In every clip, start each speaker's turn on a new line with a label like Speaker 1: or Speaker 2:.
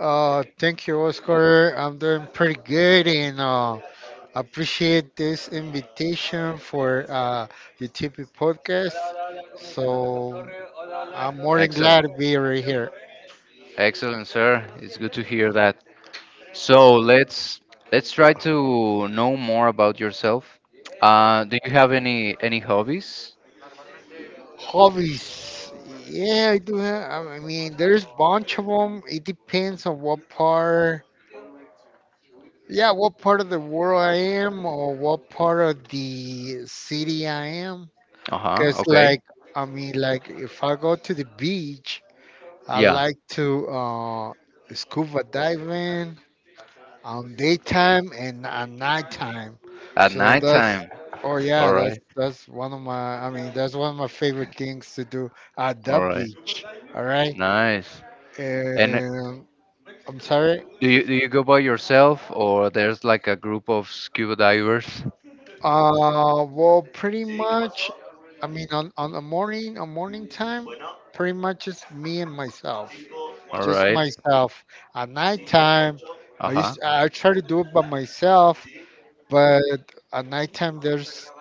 Speaker 1: Thank you, Oscar. I'm doing pretty good and appreciate this invitation for the TP podcast. So I'm more than glad
Speaker 2: Excellent,
Speaker 1: to be right here.
Speaker 2: excellent, sir. It's good to hear that. So let's try to know more about yourself. Do you have any hobbies?
Speaker 1: Hobbies. Yeah, I do have, I mean, there's bunch of them. It depends on what part, yeah, what part of the world I am or what part of the city I am.
Speaker 2: Uh huh.
Speaker 1: Because,
Speaker 2: Okay.
Speaker 1: like, I mean, like, if I go to the beach, I
Speaker 2: Yeah.
Speaker 1: like to scuba diving on daytime and on nighttime.
Speaker 2: At
Speaker 1: So that's,
Speaker 2: nighttime.
Speaker 1: oh
Speaker 2: All
Speaker 1: yeah, that's
Speaker 2: right.
Speaker 1: that's one of my, I mean, that's one of my favorite things to do at the
Speaker 2: All right.
Speaker 1: beach. All right.
Speaker 2: Nice. And
Speaker 1: Um, I'm sorry.
Speaker 2: do you go by yourself, or there's like a group of scuba divers?
Speaker 1: Well, pretty much, I mean, on the morning, on morning time, pretty much just me and myself,
Speaker 2: All
Speaker 1: just
Speaker 2: right.
Speaker 1: myself. At nighttime,
Speaker 2: Uh-huh.
Speaker 1: I try to do it by myself, but at nighttime there's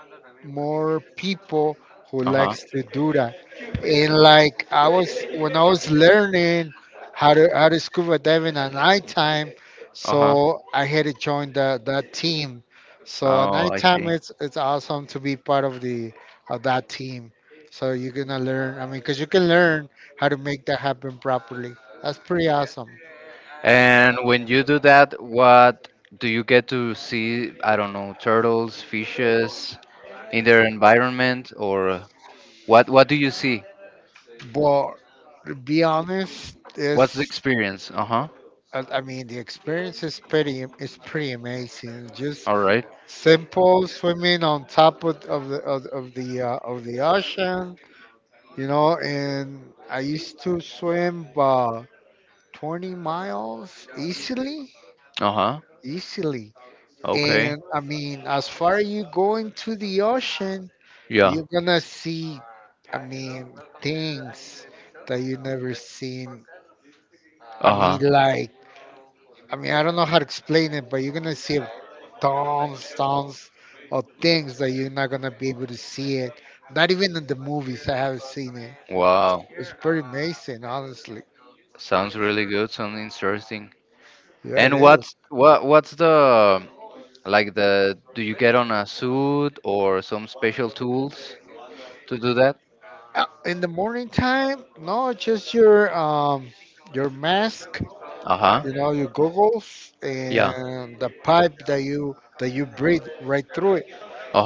Speaker 1: more people who
Speaker 2: Uh-huh.
Speaker 1: likes to do that, and, like, I was when I was learning how to scuba diving at nighttime,
Speaker 2: Uh-huh.
Speaker 1: so I had to join that team. So at
Speaker 2: Oh, I
Speaker 1: nighttime,
Speaker 2: see.
Speaker 1: it's awesome to be part of the of that team. So you're gonna learn, I mean, because you can learn how to make that happen properly. That's pretty awesome.
Speaker 2: And when you do that, what do you get to see? I don't know, turtles, fishes in their environment, or what do you see?
Speaker 1: But to be honest,
Speaker 2: What's the
Speaker 1: it's
Speaker 2: experience? Uh-huh.
Speaker 1: I mean, the experience is pretty amazing. Just
Speaker 2: All right.
Speaker 1: simple swimming on top of the ocean, you know. And I used to swim 20 miles easily,
Speaker 2: Uh-huh.
Speaker 1: easily.
Speaker 2: Okay.
Speaker 1: And I mean, as far as you go into the ocean,
Speaker 2: Yeah.
Speaker 1: you're gonna see, I mean, things that you never seen. I
Speaker 2: Uh-huh.
Speaker 1: mean, like I mean, I don't know how to explain it, but you're gonna see tons, tons of things that you're not gonna be able to see it. Not even in the movies, I haven't seen it.
Speaker 2: Wow.
Speaker 1: It's pretty amazing, honestly.
Speaker 2: Sounds really good. Sounds interesting.
Speaker 1: Yeah, it
Speaker 2: And
Speaker 1: is.
Speaker 2: what's what what's the like the do you get on a suit or some special tools to do that?
Speaker 1: In the morning time, no, just your mask,
Speaker 2: Uh-huh.
Speaker 1: you know, your goggles,
Speaker 2: Yeah.
Speaker 1: and the pipe that you breathe right through it.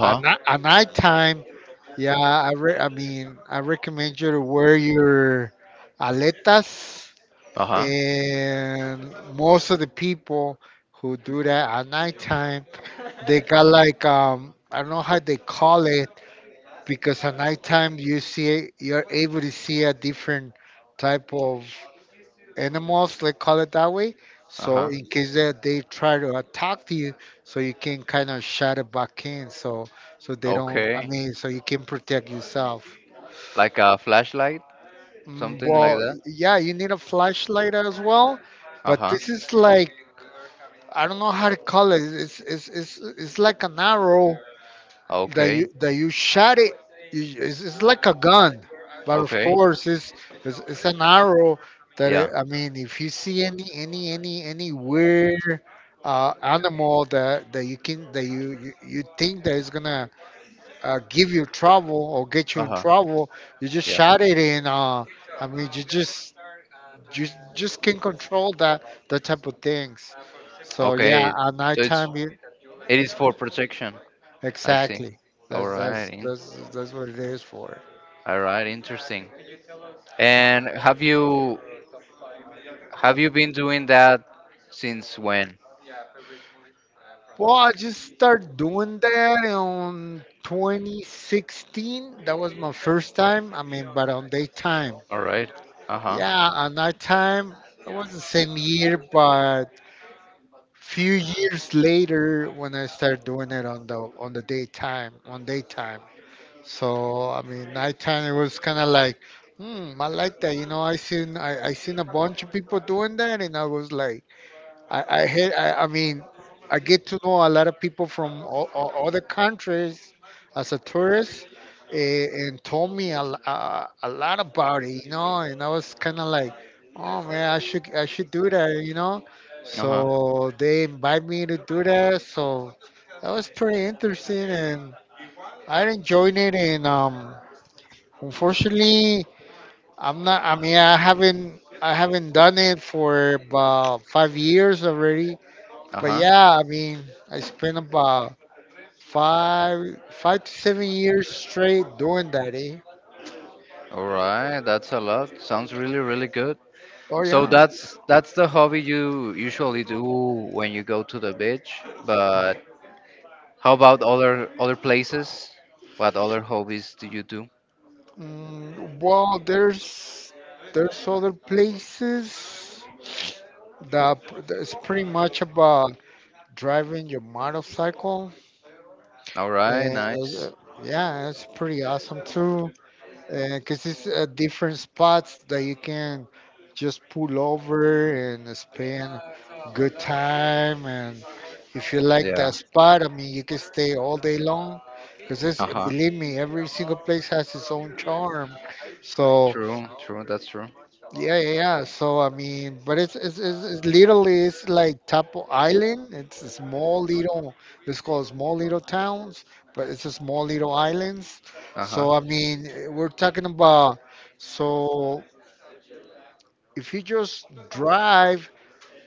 Speaker 1: At night time, yeah, I re- I mean, I recommend you to wear your aletas,
Speaker 2: Uh-huh.
Speaker 1: and most of the people who do that at nighttime, they got like, I don't know how they call it, because at nighttime you're able to see a different type of animals, let's call it that way. So
Speaker 2: Uh-huh.
Speaker 1: in case that they try to attack you, so you can kind of shut it back in, so they don't, I
Speaker 2: Okay.
Speaker 1: mean, so you can protect yourself.
Speaker 2: Like a flashlight,
Speaker 1: Mm,
Speaker 2: something
Speaker 1: well,
Speaker 2: like that.
Speaker 1: yeah, you need a flashlight as well, but
Speaker 2: Uh-huh.
Speaker 1: this is like, I don't know how to call it. It's like an arrow that you
Speaker 2: Okay.
Speaker 1: that you shot it. It's like a gun, but of
Speaker 2: Okay.
Speaker 1: course it's an arrow that
Speaker 2: Yeah.
Speaker 1: it, I mean, if you see any weird animal that you think that is gonna give you trouble or get you in
Speaker 2: Uh-huh.
Speaker 1: trouble, you just
Speaker 2: Yeah.
Speaker 1: shot it in. I mean, you just can control that type of things. So yeah,
Speaker 2: Okay.
Speaker 1: at
Speaker 2: So it's
Speaker 1: nighttime,
Speaker 2: it is for protection. I see.
Speaker 1: exactly.
Speaker 2: All
Speaker 1: That's that's
Speaker 2: right.
Speaker 1: that's that's what it is for.
Speaker 2: All right, interesting. And have you been doing that since when?
Speaker 1: Well, I just started doing that in 2016. That was my first time. I mean, but on daytime.
Speaker 2: All right. Uh-huh.
Speaker 1: Yeah, on nighttime. It was the same year, but few years later when I started doing it on the daytime, on daytime. So I mean, nighttime it was kind of like, I like that. You know, I seen a bunch of people doing that, and I was like. I hate. I mean, I get to know a lot of people from other countries as a tourist, eh, and told me a, l- a lot about it, you know. And I was kind of like, oh man, I should do that, you know.
Speaker 2: Uh-huh.
Speaker 1: So they invite me to do that. So that was pretty interesting, and I enjoyed it. And unfortunately, I'm not. I mean, I haven't done it for about 5 years already, but
Speaker 2: Uh-huh.
Speaker 1: yeah, I mean, I spent about 5 to 7 years straight doing that, eh?
Speaker 2: All right, that's a lot. Sounds really, really good.
Speaker 1: Oh
Speaker 2: So
Speaker 1: yeah.
Speaker 2: that's the hobby you usually do when you go to the beach. But how about other places? What other hobbies do you do?
Speaker 1: Well, there's other places that's pretty much about driving your motorcycle,
Speaker 2: All right,
Speaker 1: and
Speaker 2: nice.
Speaker 1: yeah, it's pretty awesome too. Because it's different spots that you can just pull over and spend good time. And if you like
Speaker 2: Yeah.
Speaker 1: that spot, I mean, you can stay all day long. Because it's
Speaker 2: Uh huh.
Speaker 1: believe me, every single place has its own charm. So
Speaker 2: True, true, that's true.
Speaker 1: yeah, yeah, yeah. So I mean, but it's literally it's like Tapo Island. It's a small little it's called small little towns, but it's a small little islands.
Speaker 2: Uh huh.
Speaker 1: So I mean, eh, we're talking about, so if you just drive,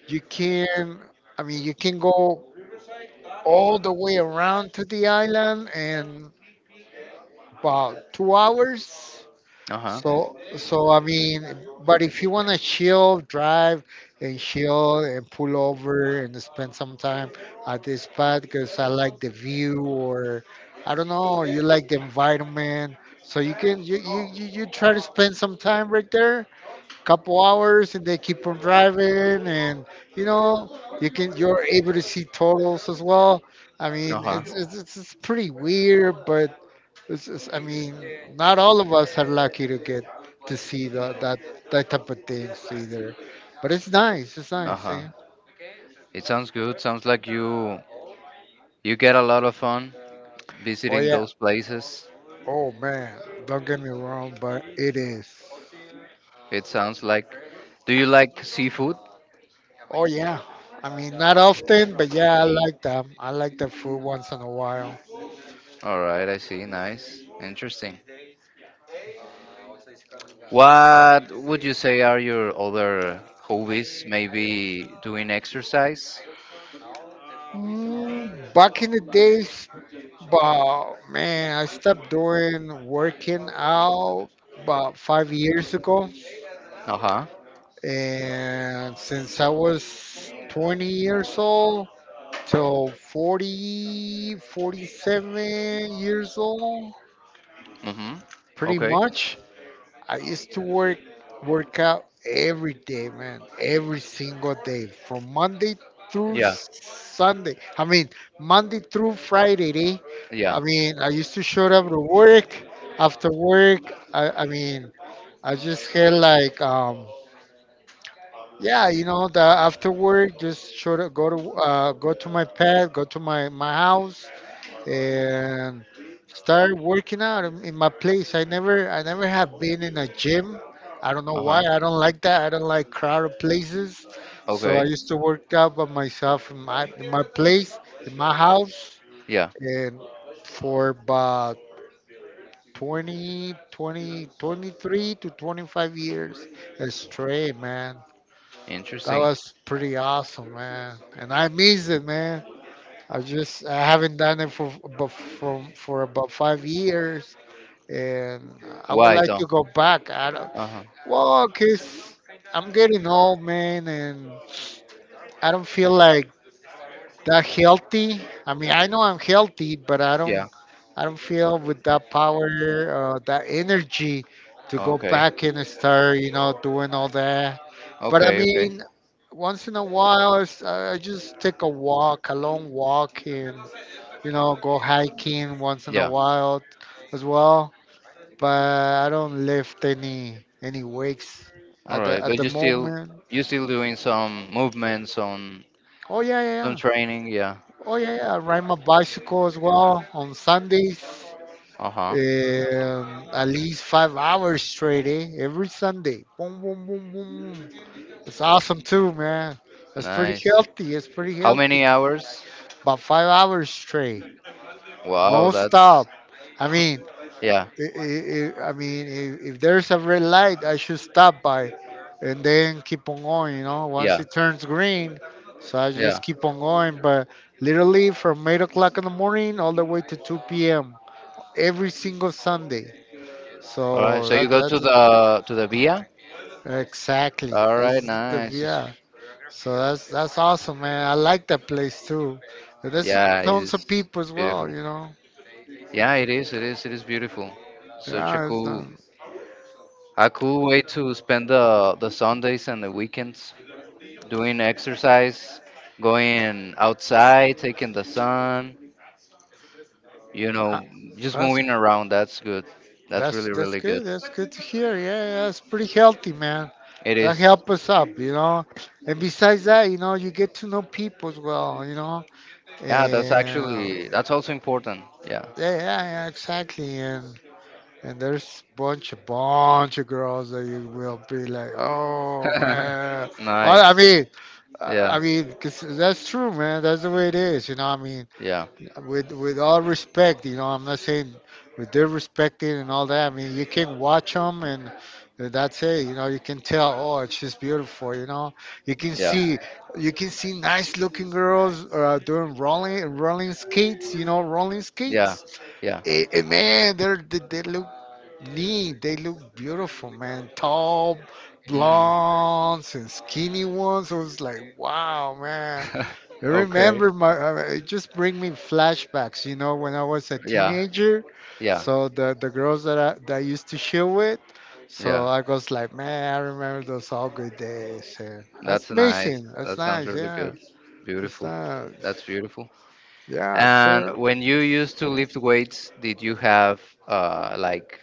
Speaker 1: you can you can go all the way around to the island in about 2 hours.
Speaker 2: Uh huh.
Speaker 1: So, I mean, but if you want to chill, drive and chill and pull over and spend some time at this spot because I like the view, or I don't know, you like the environment. So you can you, you, you you try to spend some time right there, couple hours, and they keep on driving, and you know, you're able to see turtles as well. I
Speaker 2: Uh
Speaker 1: mean,
Speaker 2: huh.
Speaker 1: it's pretty weird, but I mean, not all of us are lucky to get to see the, that that type of things either. But it's nice. It's
Speaker 2: Uh
Speaker 1: nice.
Speaker 2: huh.
Speaker 1: Yeah.
Speaker 2: It sounds good. Sounds like you get a lot of fun
Speaker 1: Oh
Speaker 2: visiting
Speaker 1: yeah.
Speaker 2: those places.
Speaker 1: Oh man. Don't get me wrong, but it is.
Speaker 2: It sounds like. Do you like seafood?
Speaker 1: Oh yeah. I mean, not often, but yeah, I like them. I like the food once in a while.
Speaker 2: All right, I see. Nice. Interesting. What would you say are your other hobbies? Maybe doing exercise?
Speaker 1: Back in the days, but man, I stopped doing working out about 5 years ago.
Speaker 2: Uh-huh.
Speaker 1: And since I was 20 years old till 40, 47 years old,
Speaker 2: Mm-hmm.
Speaker 1: pretty
Speaker 2: Okay.
Speaker 1: much, I used to work out every day, man. Every single day from Monday through
Speaker 2: Yeah.
Speaker 1: Sunday. I mean, Monday through Friday, eh?
Speaker 2: Yeah.
Speaker 1: I mean, I used to show up to work. After work, I just had like, yeah, you know, the after work, just sure to go to go to my pad, go to my house, and start working out in my place. I never have been in a gym. I don't know why.
Speaker 2: Uh-huh.
Speaker 1: I don't like that. I don't like crowded places. So I
Speaker 2: Okay.
Speaker 1: used to work out by myself in my place, in my house,
Speaker 2: Yeah.
Speaker 1: and for about 23 to 25 years straight, man. That
Speaker 2: Interesting.
Speaker 1: was pretty awesome, man. And I miss it, man. I haven't done it for but from for about 5 years, and I would
Speaker 2: Why
Speaker 1: like
Speaker 2: though?
Speaker 1: to go back. I don't,
Speaker 2: Uh-huh.
Speaker 1: well, cause I'm getting old, man, and I don't feel like that healthy. I mean, I know I'm healthy, but I don't
Speaker 2: Yeah.
Speaker 1: feel with that power or that energy to go
Speaker 2: Okay.
Speaker 1: back and start, you know, doing all that. But I
Speaker 2: Okay, okay.
Speaker 1: mean, once in a while, it's- I just take a walk, a long walk, and, you know, go hiking once in a
Speaker 2: Yeah.
Speaker 1: while as well. But I don't lift any weights
Speaker 2: All
Speaker 1: at the
Speaker 2: right.
Speaker 1: at
Speaker 2: But
Speaker 1: the
Speaker 2: you still
Speaker 1: moment.
Speaker 2: you still doing some movements, on
Speaker 1: Oh yeah, yeah,
Speaker 2: some
Speaker 1: yeah.
Speaker 2: training, yeah.
Speaker 1: Oh yeah, yeah. I ride my bicycle as well on Sundays.
Speaker 2: Uh-huh.
Speaker 1: At least 5 hours straight, eh? Every Sunday. Boom, boom, boom, boom, boom. It's awesome too, man. That's pretty
Speaker 2: Nice.
Speaker 1: healthy. It's pretty
Speaker 2: How many
Speaker 1: healthy.
Speaker 2: hours?
Speaker 1: About 5 hours straight,
Speaker 2: Wow,
Speaker 1: no
Speaker 2: that's
Speaker 1: stop. I mean,
Speaker 2: yeah,
Speaker 1: I mean, if there's a red light, I should stop by and then keep on going, you know, once
Speaker 2: yeah,
Speaker 1: it turns green. So I
Speaker 2: yeah.
Speaker 1: just keep on going. But literally from 8 o'clock in the morning all the way to 2 p.m. every single Sunday.
Speaker 2: All right,
Speaker 1: So
Speaker 2: so you
Speaker 1: that,
Speaker 2: go
Speaker 1: that's
Speaker 2: to the Via.
Speaker 1: exactly.
Speaker 2: All right, nice.
Speaker 1: Yeah. So that's awesome, man. I like that place too. But there's
Speaker 2: Yeah, it
Speaker 1: tons of
Speaker 2: is
Speaker 1: people as
Speaker 2: beautiful.
Speaker 1: well, you know.
Speaker 2: Yeah, it is. It is. It is beautiful. Such
Speaker 1: Yeah, it's,
Speaker 2: a cool way to spend the Sundays and the weekends, doing exercise, going outside, taking the sun. You
Speaker 1: I-
Speaker 2: know, just
Speaker 1: that's
Speaker 2: moving around. That's good. That's really,
Speaker 1: That's
Speaker 2: really good.
Speaker 1: good. That's good to hear. Yeah, that's pretty healthy, man.
Speaker 2: It
Speaker 1: That
Speaker 2: is.
Speaker 1: help us up, you know. And besides that, you get to know people as well. And
Speaker 2: Yeah, that's
Speaker 1: yeah,
Speaker 2: actually, that's also important. Yeah.
Speaker 1: yeah, yeah, exactly. And there's a bunch of girls that you will be like, oh man. Oh,
Speaker 2: nice. Yeah,
Speaker 1: I mean, 'cause that's true, man. That's the way it, is, you know. I mean,
Speaker 2: yeah,
Speaker 1: with all respect, I'm not saying with their respecting and all that. I mean, you can watch them, and that's it. You know, you can tell, oh, she's beautiful. You know, you can
Speaker 2: yeah,
Speaker 1: see you can see nice looking girls doing rolling skates. You know, rolling
Speaker 2: yeah,
Speaker 1: skates.
Speaker 2: yeah.
Speaker 1: Eh, man, they look neat. They look beautiful, man. Tall
Speaker 2: Hmm.
Speaker 1: blondes and skinny ones. I was like, wow, man. I
Speaker 2: okay.
Speaker 1: remember my it just bring me flashbacks, when I was a
Speaker 2: Yeah,
Speaker 1: teenager.
Speaker 2: yeah,
Speaker 1: So the girls that I used to chill with. So
Speaker 2: yeah.
Speaker 1: I was like, man, I remember those all good days. And that's
Speaker 2: That's nice.
Speaker 1: amazing. That's
Speaker 2: That sounds
Speaker 1: nice.
Speaker 2: really
Speaker 1: Yeah,
Speaker 2: good.
Speaker 1: it's
Speaker 2: Beautiful.
Speaker 1: nice.
Speaker 2: That's beautiful.
Speaker 1: Yeah,
Speaker 2: And
Speaker 1: sir.
Speaker 2: when you used to lift weights, did you have like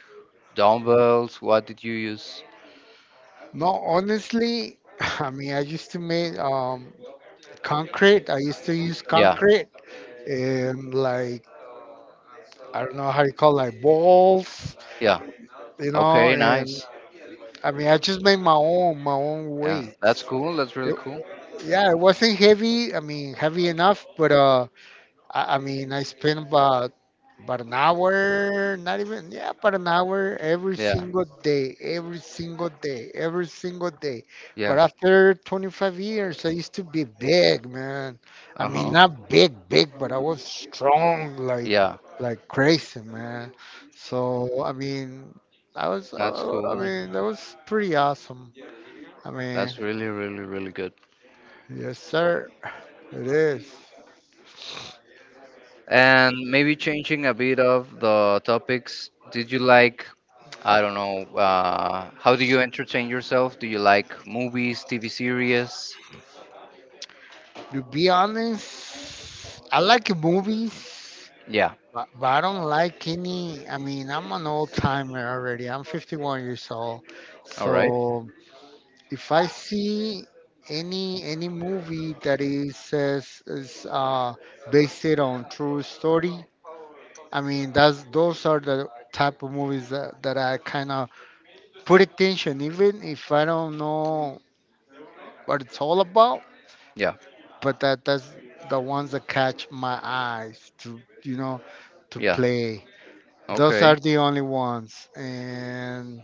Speaker 2: dumbbells? What did you use?
Speaker 1: No, honestly, I mean, I used to make concrete. I used to use
Speaker 2: Yeah,
Speaker 1: concrete and like I don't know how you call like balls,
Speaker 2: yeah. Okay,
Speaker 1: and
Speaker 2: nice.
Speaker 1: I mean, I just made my own
Speaker 2: Yeah, that's
Speaker 1: weights.
Speaker 2: cool. That's really
Speaker 1: It,
Speaker 2: cool.
Speaker 1: yeah, it wasn't heavy. I mean, heavy enough, but I mean, I spent about an hour, not even yeah, about an hour every
Speaker 2: Yeah,
Speaker 1: single day, every single day, every single day. But
Speaker 2: yeah.
Speaker 1: after 25 years, I used to be big, man. I mean,
Speaker 2: Uh-huh.
Speaker 1: not big, big, but I was strong,
Speaker 2: Yeah,
Speaker 1: like crazy, man. So I mean, I was, I,
Speaker 2: that's
Speaker 1: I I
Speaker 2: cool.
Speaker 1: mean, that was pretty awesome. I mean,
Speaker 2: That's really, really, really good.
Speaker 1: yes, sir. It is.
Speaker 2: And maybe changing a bit of the topics. Did you like, I don't know, how do you entertain yourself? Do you like movies, TV series?
Speaker 1: To be honest, I like movies,
Speaker 2: Yeah.
Speaker 1: but I don't like any. I mean, I'm an old timer already. I'm 51 years old.
Speaker 2: All right.
Speaker 1: So if I see any movie that is says is based it on true story, I mean that's those are the type of movies that I kind of put attention, even if I don't know what it's all about.
Speaker 2: Yeah.
Speaker 1: But that's the ones that catch my eyes to, you know, to
Speaker 2: Yeah.
Speaker 1: play. Those are
Speaker 2: Okay.
Speaker 1: the only ones. And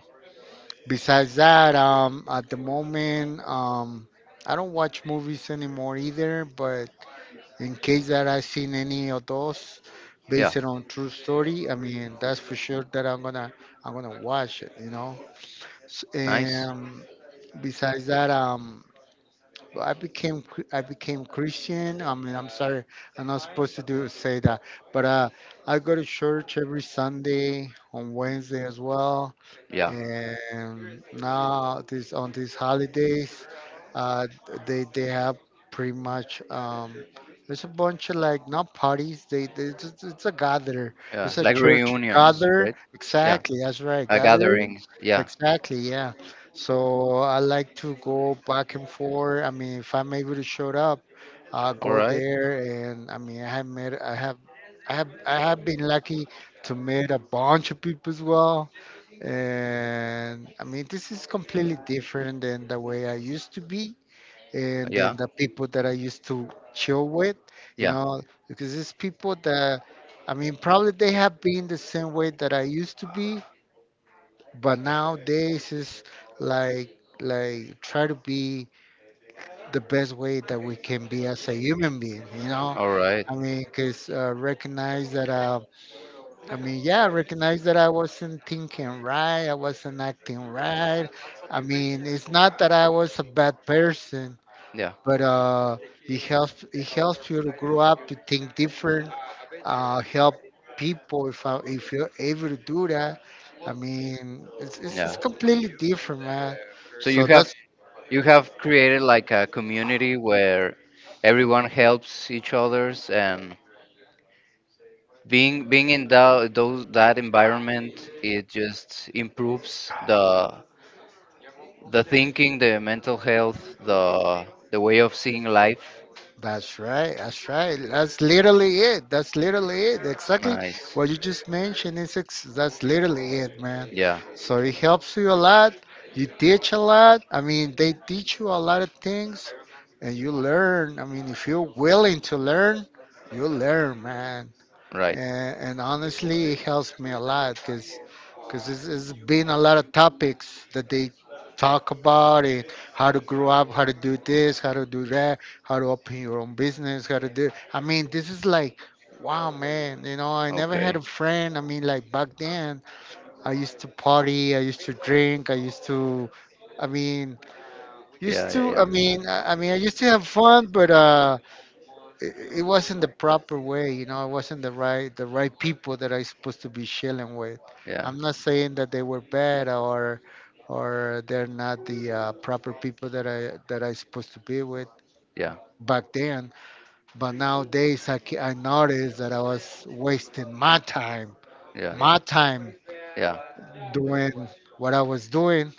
Speaker 1: besides that, at the moment, I don't watch movies anymore either. But in case that I've seen any of those
Speaker 2: Yeah.
Speaker 1: based on true story, I mean that's for sure that I'm gonna watch it. You know.
Speaker 2: Nice.
Speaker 1: And besides that, but I became Christian. I mean, I'm sorry, I'm not supposed to do say that, but I go to church every Sunday on Wednesday as well,
Speaker 2: Yeah.
Speaker 1: and now this on these holidays uh, they have pretty much, there's a bunch of like not parties they it's a gather,
Speaker 2: Yeah.
Speaker 1: it's a
Speaker 2: Like
Speaker 1: church
Speaker 2: reunions,
Speaker 1: gather,
Speaker 2: right? Yeah.
Speaker 1: exactly, that's right,
Speaker 2: Uh,
Speaker 1: gathering,
Speaker 2: gatherings. Yeah.
Speaker 1: exactly, yeah. So I like to go back and forth. I mean, if I'm able to show up, I'll
Speaker 2: All
Speaker 1: go
Speaker 2: right.
Speaker 1: there. And I mean, I have been lucky to meet a bunch of people as well. And I mean, this is completely different than the way I used to be and then
Speaker 2: Yeah.
Speaker 1: the people that I used to chill with, you
Speaker 2: Yeah.
Speaker 1: know, because it's people that, I mean, probably they have been the same way that I used to be, but nowadays it's like try to be the best way that we can be as a human being, you know?
Speaker 2: All right.
Speaker 1: I mean, because recognize that. I mean, yeah, I recognize that I wasn't thinking right, I wasn't acting right. I mean, it's not that I was a bad person,
Speaker 2: Yeah.
Speaker 1: but it helps you to grow up, to think different, help people if if you're able to do that. I mean, it's
Speaker 2: Yeah.
Speaker 1: completely different, man.
Speaker 2: So you
Speaker 1: So
Speaker 2: have you have created like a community where everyone helps each others, and being in that environment it just improves the thinking, the mental health, the way of seeing life.
Speaker 1: that's right. That's right. That's literally it. That's literally it. Exactly
Speaker 2: Nice.
Speaker 1: what you just mentioned is that's literally it, man.
Speaker 2: Yeah.
Speaker 1: So it helps you a lot. You teach a lot. I mean, they teach you a lot of things, and you learn. I mean, if you're willing to learn, you learn, man,
Speaker 2: Right.
Speaker 1: and honestly it helps me a lot because it's been a lot of topics that they talk about, and how to grow up, how to do this, how to do that, how to open your own business, how to do, I mean this is like, wow man, you know, I never had
Speaker 2: Okay.
Speaker 1: a friend. I mean, like back then I used to party, I used to drink, I mean used
Speaker 2: Yeah. Yeah.
Speaker 1: to I
Speaker 2: Yeah.
Speaker 1: mean I used to have fun, but it, it wasn't the proper way, you know, it wasn't the right people that I supposed to be chilling with.
Speaker 2: Yeah.
Speaker 1: I'm not saying that they were bad or they're not the proper people that I supposed to be with
Speaker 2: Yeah.
Speaker 1: back then. But nowadays, I noticed that I was wasting
Speaker 2: Yeah,
Speaker 1: my time
Speaker 2: yeah,
Speaker 1: doing what I was doing,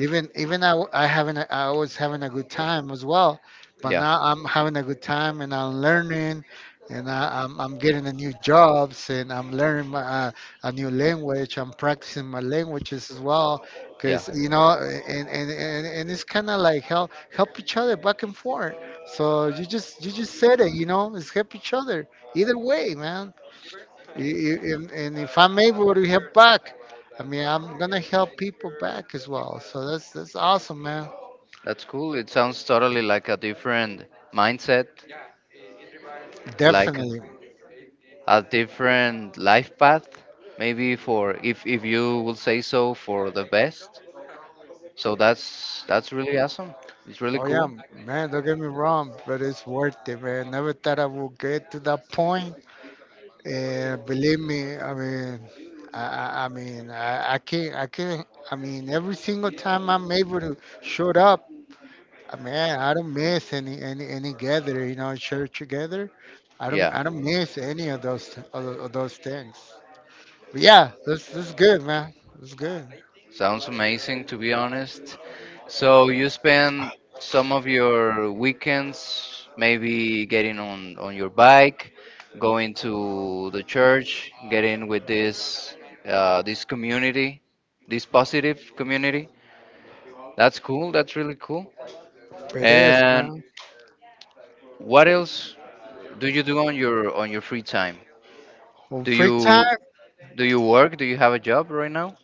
Speaker 1: even I was having a good time as well, but
Speaker 2: yeah,
Speaker 1: now I'm having a good time and I'm learning, and I'm getting a new jobs and I'm learning my, a new language. I'm practicing my languages as well,
Speaker 2: yeah.
Speaker 1: because you know, and it's kind of like help each other back and forth. So you just said it, you know, it's help each other either way, man. And if I'm able to help back, I mean, I'm gonna help people back as well. So that's awesome, man.
Speaker 2: That's cool. It sounds totally like a different mindset, like
Speaker 1: Definitely.
Speaker 2: a different life path, maybe, for if you will say so, for the best. So that's really awesome. It's really
Speaker 1: Oh yeah,
Speaker 2: cool.
Speaker 1: man. Don't get me wrong, but it's worth it, man. Never thought I would get to that point. And believe me, I mean, I mean, I can't, I can't. I mean, every single time I'm able to show up, I mean, I don't miss any gather, you know, church together. I
Speaker 2: Yeah.
Speaker 1: don't miss any of those of those things. But yeah, this is good, man. This is good.
Speaker 2: Sounds amazing, to be honest. So you spend some of your weekends maybe getting on your bike, going to the church, getting with this community, this positive community. That's cool. That's really cool.
Speaker 1: It is,
Speaker 2: And
Speaker 1: man.
Speaker 2: what else do you do on your free time?
Speaker 1: On
Speaker 2: Do
Speaker 1: free
Speaker 2: you
Speaker 1: time,
Speaker 2: do you work? Do you have a job right now?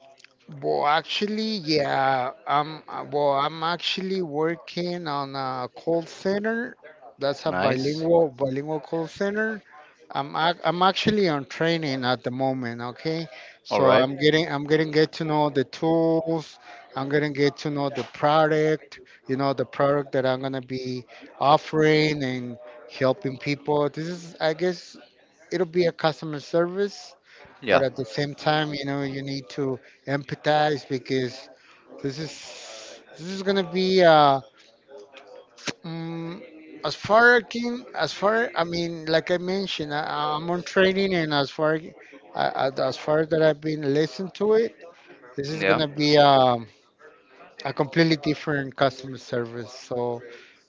Speaker 1: well, actually, yeah, I'm well, I'm actually working on a call center. That's a
Speaker 2: Nice.
Speaker 1: bilingual call center. I'm actually on training at the moment. Okay,
Speaker 2: All
Speaker 1: so
Speaker 2: right.
Speaker 1: I'm getting get to know the tools. I'm getting get to know the product. You know the product that I'm gonna be offering and helping people. This is I guess it'll be a customer service, but
Speaker 2: Yeah.
Speaker 1: at the same time, you know, you need to empathize because this is gonna be mm as far I mean, like I mentioned, I'm on training, and as far that I've been listening to it, this is
Speaker 2: Yeah.
Speaker 1: gonna be, a completely different customer service. So,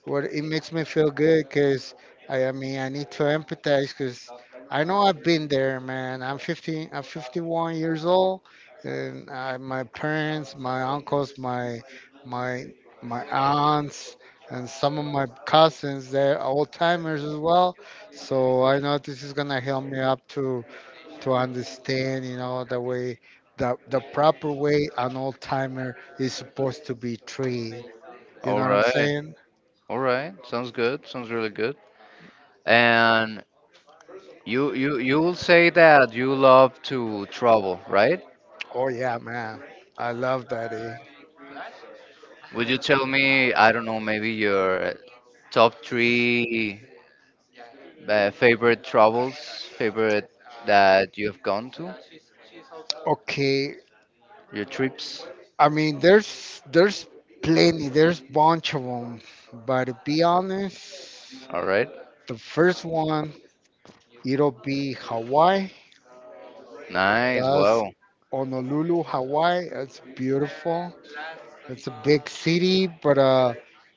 Speaker 1: well, it makes me feel good because I mean, I need to empathize because I know I've been there, man. I'm 51 years old, and I, my parents, my uncles, my my aunts, and some of my cousins, they're old timers as well. So I know this is gonna help me up to understand, you know, the way the proper way an old timer is supposed to be treated. You know
Speaker 2: All
Speaker 1: what I'm
Speaker 2: right.
Speaker 1: saying?
Speaker 2: All right, sounds good. Sounds really good. And you will say that you love to travel, right?
Speaker 1: Oh yeah, man. I love that. Eh?
Speaker 2: Would you tell me, I don't know, maybe your top three favorite travels, favorite, that you have gone to,
Speaker 1: Okay.
Speaker 2: your trips?
Speaker 1: I mean, there's plenty. There's bunch of them. But to be honest,
Speaker 2: All right.
Speaker 1: the first one, it'll be Hawaii.
Speaker 2: Nice.
Speaker 1: That's
Speaker 2: Wow.
Speaker 1: Honolulu, Hawaii. It's beautiful. It's a big city, but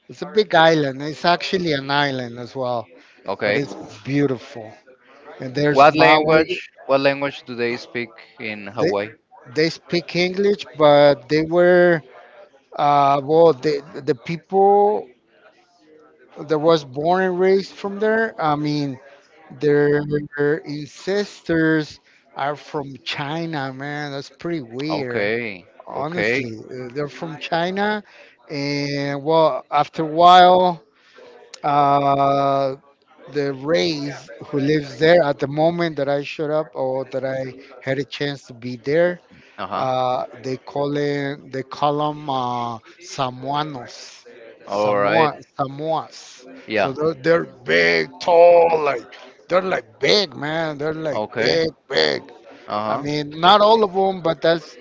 Speaker 1: it's a big island. It's actually an island as well, but
Speaker 2: Okay.
Speaker 1: it's beautiful. And there's Maui.
Speaker 2: What language do they speak in
Speaker 1: They
Speaker 2: Hawaii?
Speaker 1: they speak English, but they were well, the people that was born and raised from there, I mean, their ancestors are from China, man. That's pretty weird,
Speaker 2: Okay. Okay.
Speaker 1: honestly. They're from China, and well, after a while, uh, the race who lives there at the moment that I showed up or that I had a chance to be there,
Speaker 2: Uh-huh.
Speaker 1: they call it, they call them Samoanos,
Speaker 2: All right.
Speaker 1: Samoa, Samoas.
Speaker 2: Yeah.
Speaker 1: So they're big, tall, like they're like big, man. They're like
Speaker 2: Okay.
Speaker 1: big, big. I
Speaker 2: Uh huh.
Speaker 1: mean, not all of them, but that's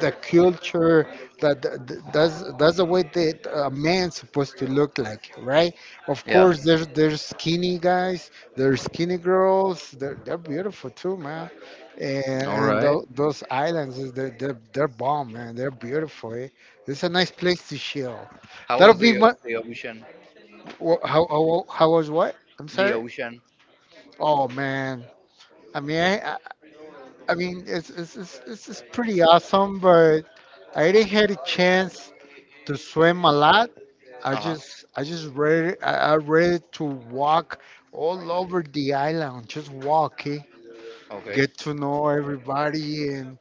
Speaker 1: the culture that that's the way that a man's supposed to look like, right? Of
Speaker 2: Yeah.
Speaker 1: course there's skinny guys, there's skinny girls, they're beautiful too, man. and,
Speaker 2: All
Speaker 1: and
Speaker 2: right.
Speaker 1: those islands they're bomb, man, they're beautiful, eh? It's a nice place to chill.
Speaker 2: How
Speaker 1: That'll
Speaker 2: was the
Speaker 1: be
Speaker 2: o-
Speaker 1: my
Speaker 2: the ocean?
Speaker 1: how was what? I'm
Speaker 2: The
Speaker 1: sorry.
Speaker 2: ocean.
Speaker 1: Oh man, i mean i i I mean it's pretty awesome, but I didn't had a chance to swim a lot.
Speaker 2: Uh huh.
Speaker 1: I just ready I ready to walk all over the island, just walking,
Speaker 2: Okay.
Speaker 1: get to know everybody, and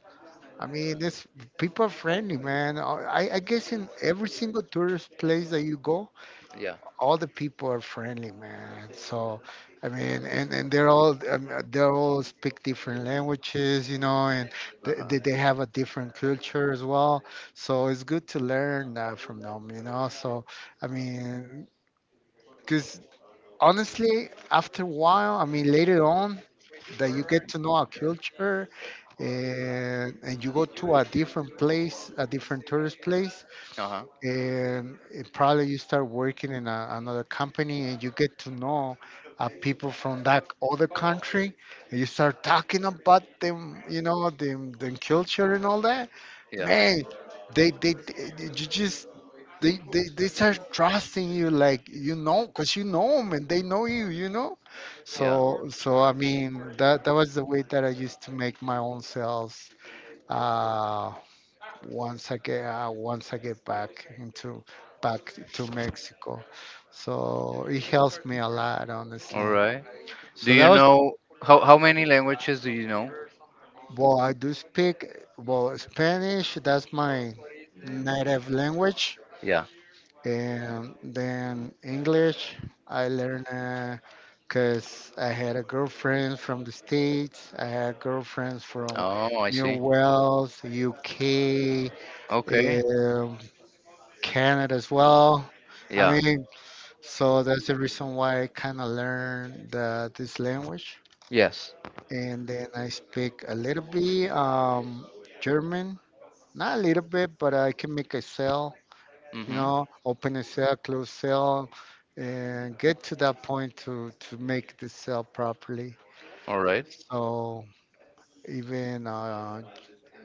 Speaker 1: I mean, it's people are friendly, man. I guess in every single tourist place that you go,
Speaker 2: Yeah.
Speaker 1: all the people are friendly, man. So, I mean, and they're all they all speak different languages, you know, and
Speaker 2: Uh huh.
Speaker 1: they have a different culture as well. So it's good to learn from them, you know. So, I mean, because honestly, after a while, I mean, later on, that you get to know a culture, and you go to a different place, a different tourist place
Speaker 2: Uh huh.
Speaker 1: and it probably you start working in a, another company and you get to know people from that other country, and you start talking about them, you know them, them culture and all that,
Speaker 2: Yeah.
Speaker 1: man. They you just they start trusting you, like, you know, because you know them and they know you, you know.
Speaker 2: Yeah.
Speaker 1: So I mean that was the way that I used to make my own sales. uh Once I get once I get back into back to Mexico. So it helps me a lot,
Speaker 2: All
Speaker 1: honestly.
Speaker 2: right. Do
Speaker 1: So
Speaker 2: you
Speaker 1: that was,
Speaker 2: know how many languages do you know?
Speaker 1: well, I do speak, well, Spanish. That's my native language,
Speaker 2: Yeah.
Speaker 1: and then English. I learned because I had a girlfriend from the States. I had girlfriends from
Speaker 2: Oh, I
Speaker 1: New
Speaker 2: see.
Speaker 1: Wales, UK,
Speaker 2: Okay.
Speaker 1: um, Canada as well. I
Speaker 2: Yeah.
Speaker 1: mean, so that's the reason why I kind of learned the, this language.
Speaker 2: Yes.
Speaker 1: And then I speak a little bit German, not a little bit, but I can make a cell, you
Speaker 2: Mhm.
Speaker 1: know, open a cell, close cell, and get to that point to make the cell properly.
Speaker 2: All right.
Speaker 1: So even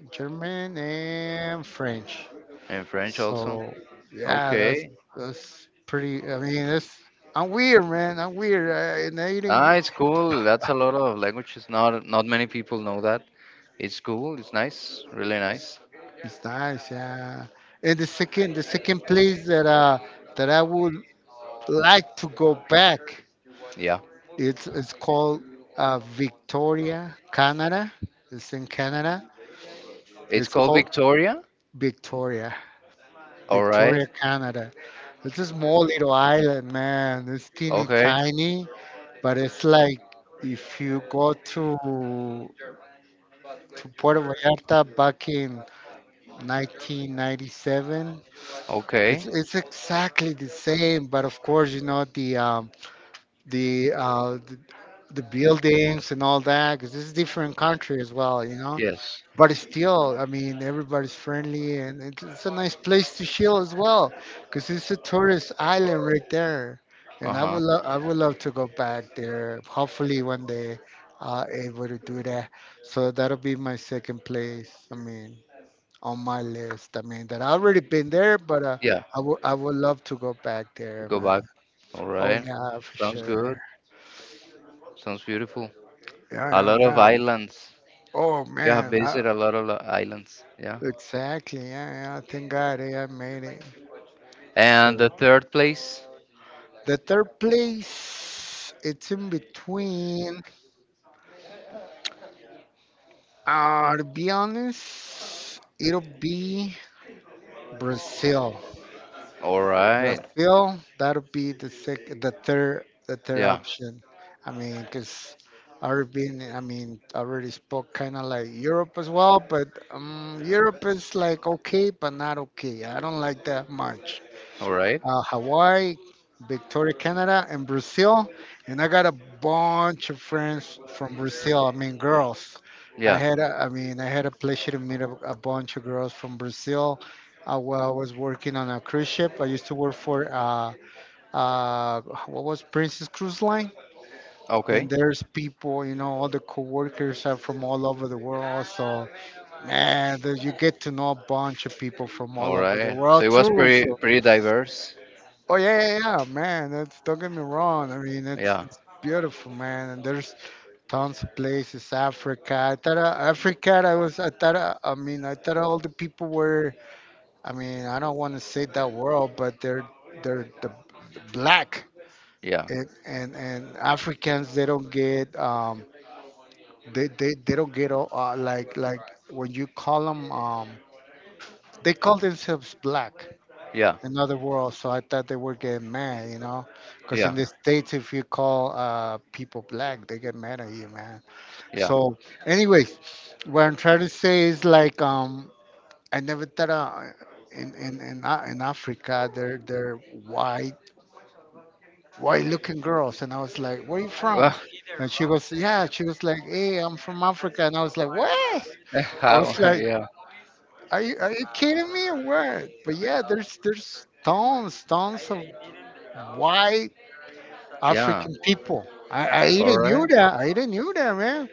Speaker 1: German and French.
Speaker 2: And French also.
Speaker 1: So yeah,
Speaker 2: Okay.
Speaker 1: that's pretty. I mean, that's, I'm weird, man. I'm weird. I, and I
Speaker 2: Ah,
Speaker 1: didn't.
Speaker 2: it's cool. That's a lot of languages. Not many people know that. It's cool. It's nice. Really nice.
Speaker 1: It's nice, yeah. And the second place that that I would like to go back,
Speaker 2: Yeah.
Speaker 1: it's called Victoria, Canada. It's in Canada.
Speaker 2: It's
Speaker 1: It's
Speaker 2: called
Speaker 1: called
Speaker 2: Victoria.
Speaker 1: Victoria,
Speaker 2: All right.
Speaker 1: Victoria, Canada. It's a small little island, man. It's teeny
Speaker 2: Okay.
Speaker 1: tiny, but it's like if you go to Puerto Vallarta back in 1997. It's
Speaker 2: Okay.
Speaker 1: it's exactly the same, but of course, you know, the the buildings and all that, because this is a different country as well, you know.
Speaker 2: Yes.
Speaker 1: But it's still, I mean, everybody's friendly and it's a nice place to chill as well, because it's a tourist island right there. And I would
Speaker 2: Uh-huh.
Speaker 1: love, I would love to go back there. Hopefully one day able to do that. So that'll be my second place. I mean, on my list. I mean, that I have already been there, but
Speaker 2: Yeah.
Speaker 1: I would love to go back there,
Speaker 2: Go
Speaker 1: man.
Speaker 2: back. All
Speaker 1: Oh
Speaker 2: right.
Speaker 1: yeah, for
Speaker 2: Sounds good.
Speaker 1: sure.
Speaker 2: Sounds beautiful. A
Speaker 1: Yeah, yeah,
Speaker 2: lot of
Speaker 1: yeah.
Speaker 2: islands.
Speaker 1: Oh
Speaker 2: You have
Speaker 1: man, I,
Speaker 2: visited a lot of islands. Yeah.
Speaker 1: exactly. Yeah, yeah. Thank God, eh, I made it.
Speaker 2: And
Speaker 1: So
Speaker 2: the third place.
Speaker 1: the third place, it's in between. To be honest, it'll be Brazil.
Speaker 2: All right.
Speaker 1: Brazil, that would be the the third the third
Speaker 2: Yeah.
Speaker 1: option. I mean, because already been, I mean, I already spoke kind of like Europe as well, but Europe is like okay, but not okay. I don't like that much.
Speaker 2: All right.
Speaker 1: Hawaii, Victoria, Canada, and Brazil. And I got a bunch of friends from Brazil. I mean, girls. I
Speaker 2: Yeah.
Speaker 1: had, a, I mean, I had a pleasure to meet a bunch of girls from Brazil. While I was working on a cruise ship, I used to work for uh, what was Princess Cruise Line, and
Speaker 2: Okay.
Speaker 1: there's people, you know, all the coworkers are from all over the world. So man, there- you get to know a bunch of people from all
Speaker 2: All
Speaker 1: over the
Speaker 2: right. So
Speaker 1: world
Speaker 2: it was
Speaker 1: too.
Speaker 2: pretty,
Speaker 1: So
Speaker 2: pretty diverse.
Speaker 1: oh yeah, yeah, yeah, man. That's, don't get me wrong. I mean,
Speaker 2: Yeah.
Speaker 1: it's beautiful, man. And there's tons of places. Africa. I thought Africa. I was. I thought. I mean, I thought all the people were. I mean, I don't want to say that world, but they're the black
Speaker 2: Yeah.
Speaker 1: and Africans. They don't get. They don't get all, like when you call them. They call themselves black.
Speaker 2: Yeah.
Speaker 1: Another world. So I thought they were getting mad, you know, because in
Speaker 2: Yeah,
Speaker 1: the States, if you call people black, they get mad at you, man.
Speaker 2: yeah.
Speaker 1: So, anyways, what I'm trying to say is like I never thought in Af- in Africa they're white, white looking girls, and I was like, where you from?
Speaker 2: Well,
Speaker 1: And she goes, yeah. She was like, hey, I'm from Africa, and I was like, what? I was
Speaker 2: how?
Speaker 1: like,
Speaker 2: Yeah,
Speaker 1: are you kidding me or what? But yeah, there's tons, tons of white
Speaker 2: yeah.
Speaker 1: African people. I
Speaker 2: All
Speaker 1: didn't knew
Speaker 2: right.
Speaker 1: that. I didn't knew that, man.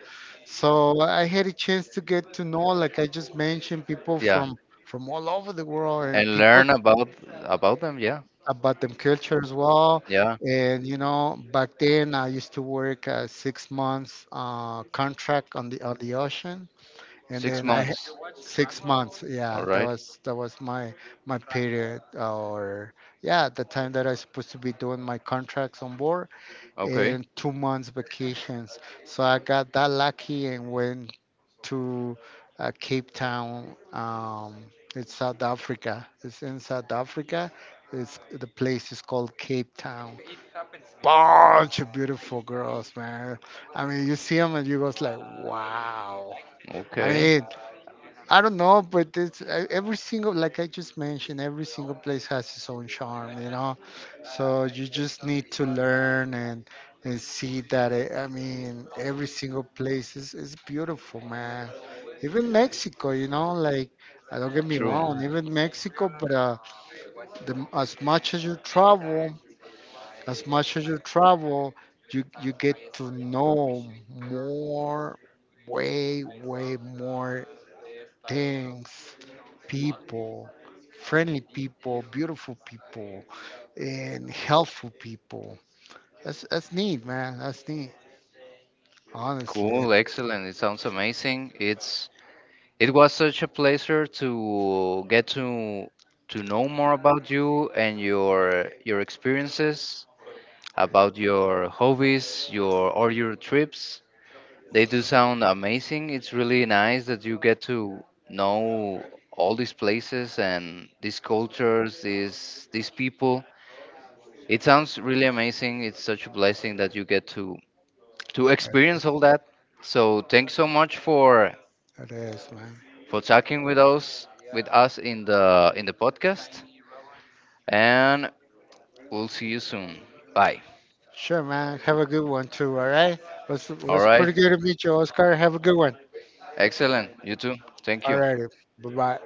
Speaker 1: So I had a chance to get to know, like I just mentioned, people
Speaker 2: Yeah,
Speaker 1: from all over the world and
Speaker 2: and
Speaker 1: people
Speaker 2: learn about them. Yeah,
Speaker 1: about them culture as well.
Speaker 2: yeah.
Speaker 1: And you know, back then I used to work a 6 months contract on the ocean, and
Speaker 2: Six
Speaker 1: then I had
Speaker 2: months.
Speaker 1: 6 months.
Speaker 2: All
Speaker 1: Yeah,
Speaker 2: right.
Speaker 1: that was my my period, or yeah, the time that I was supposed to be doing my contracts on board
Speaker 2: Okay.
Speaker 1: and 2 months vacations. So I got that lucky and went to Cape Town. It's South Africa. It's in South Africa. It's the place is called Cape Town. Bunch of beautiful girls, man. I mean, you see them and you goes like, wow. I
Speaker 2: Okay.
Speaker 1: mean, I don't know, but it's e- every single, like I just mentioned, every single place has its own charm, you know. So you just need to learn and see that. It, I mean, every single place is beautiful, man. Even Mexico, you know, like don't get me
Speaker 2: True.
Speaker 1: wrong, even Mexico, but the, as much as you travel, as much as you travel, you get to know more, way, way more things, people, friendly people, beautiful people, and helpful people. That's neat, man. That's neat. Honestly, it
Speaker 2: Cool. Excellent. It sounds amazing. It was such a pleasure to get to know more about you and your experiences, about your hobbies, your trips. They do sound amazing. It's really nice that you get to know all these places and these cultures, these people. It sounds really amazing. It's such a blessing that you get to experience all that. So thanks so much for
Speaker 1: it is, man.
Speaker 2: for talking with us in the podcast, and we'll see you soon. Bye.
Speaker 1: Sure, man. Have a good one too. All right.
Speaker 2: All
Speaker 1: Was
Speaker 2: right.
Speaker 1: pretty good to meet you, Oscar. Have a good one.
Speaker 2: Excellent. You too. Thank
Speaker 1: All
Speaker 2: you.
Speaker 1: righty. Bye bye.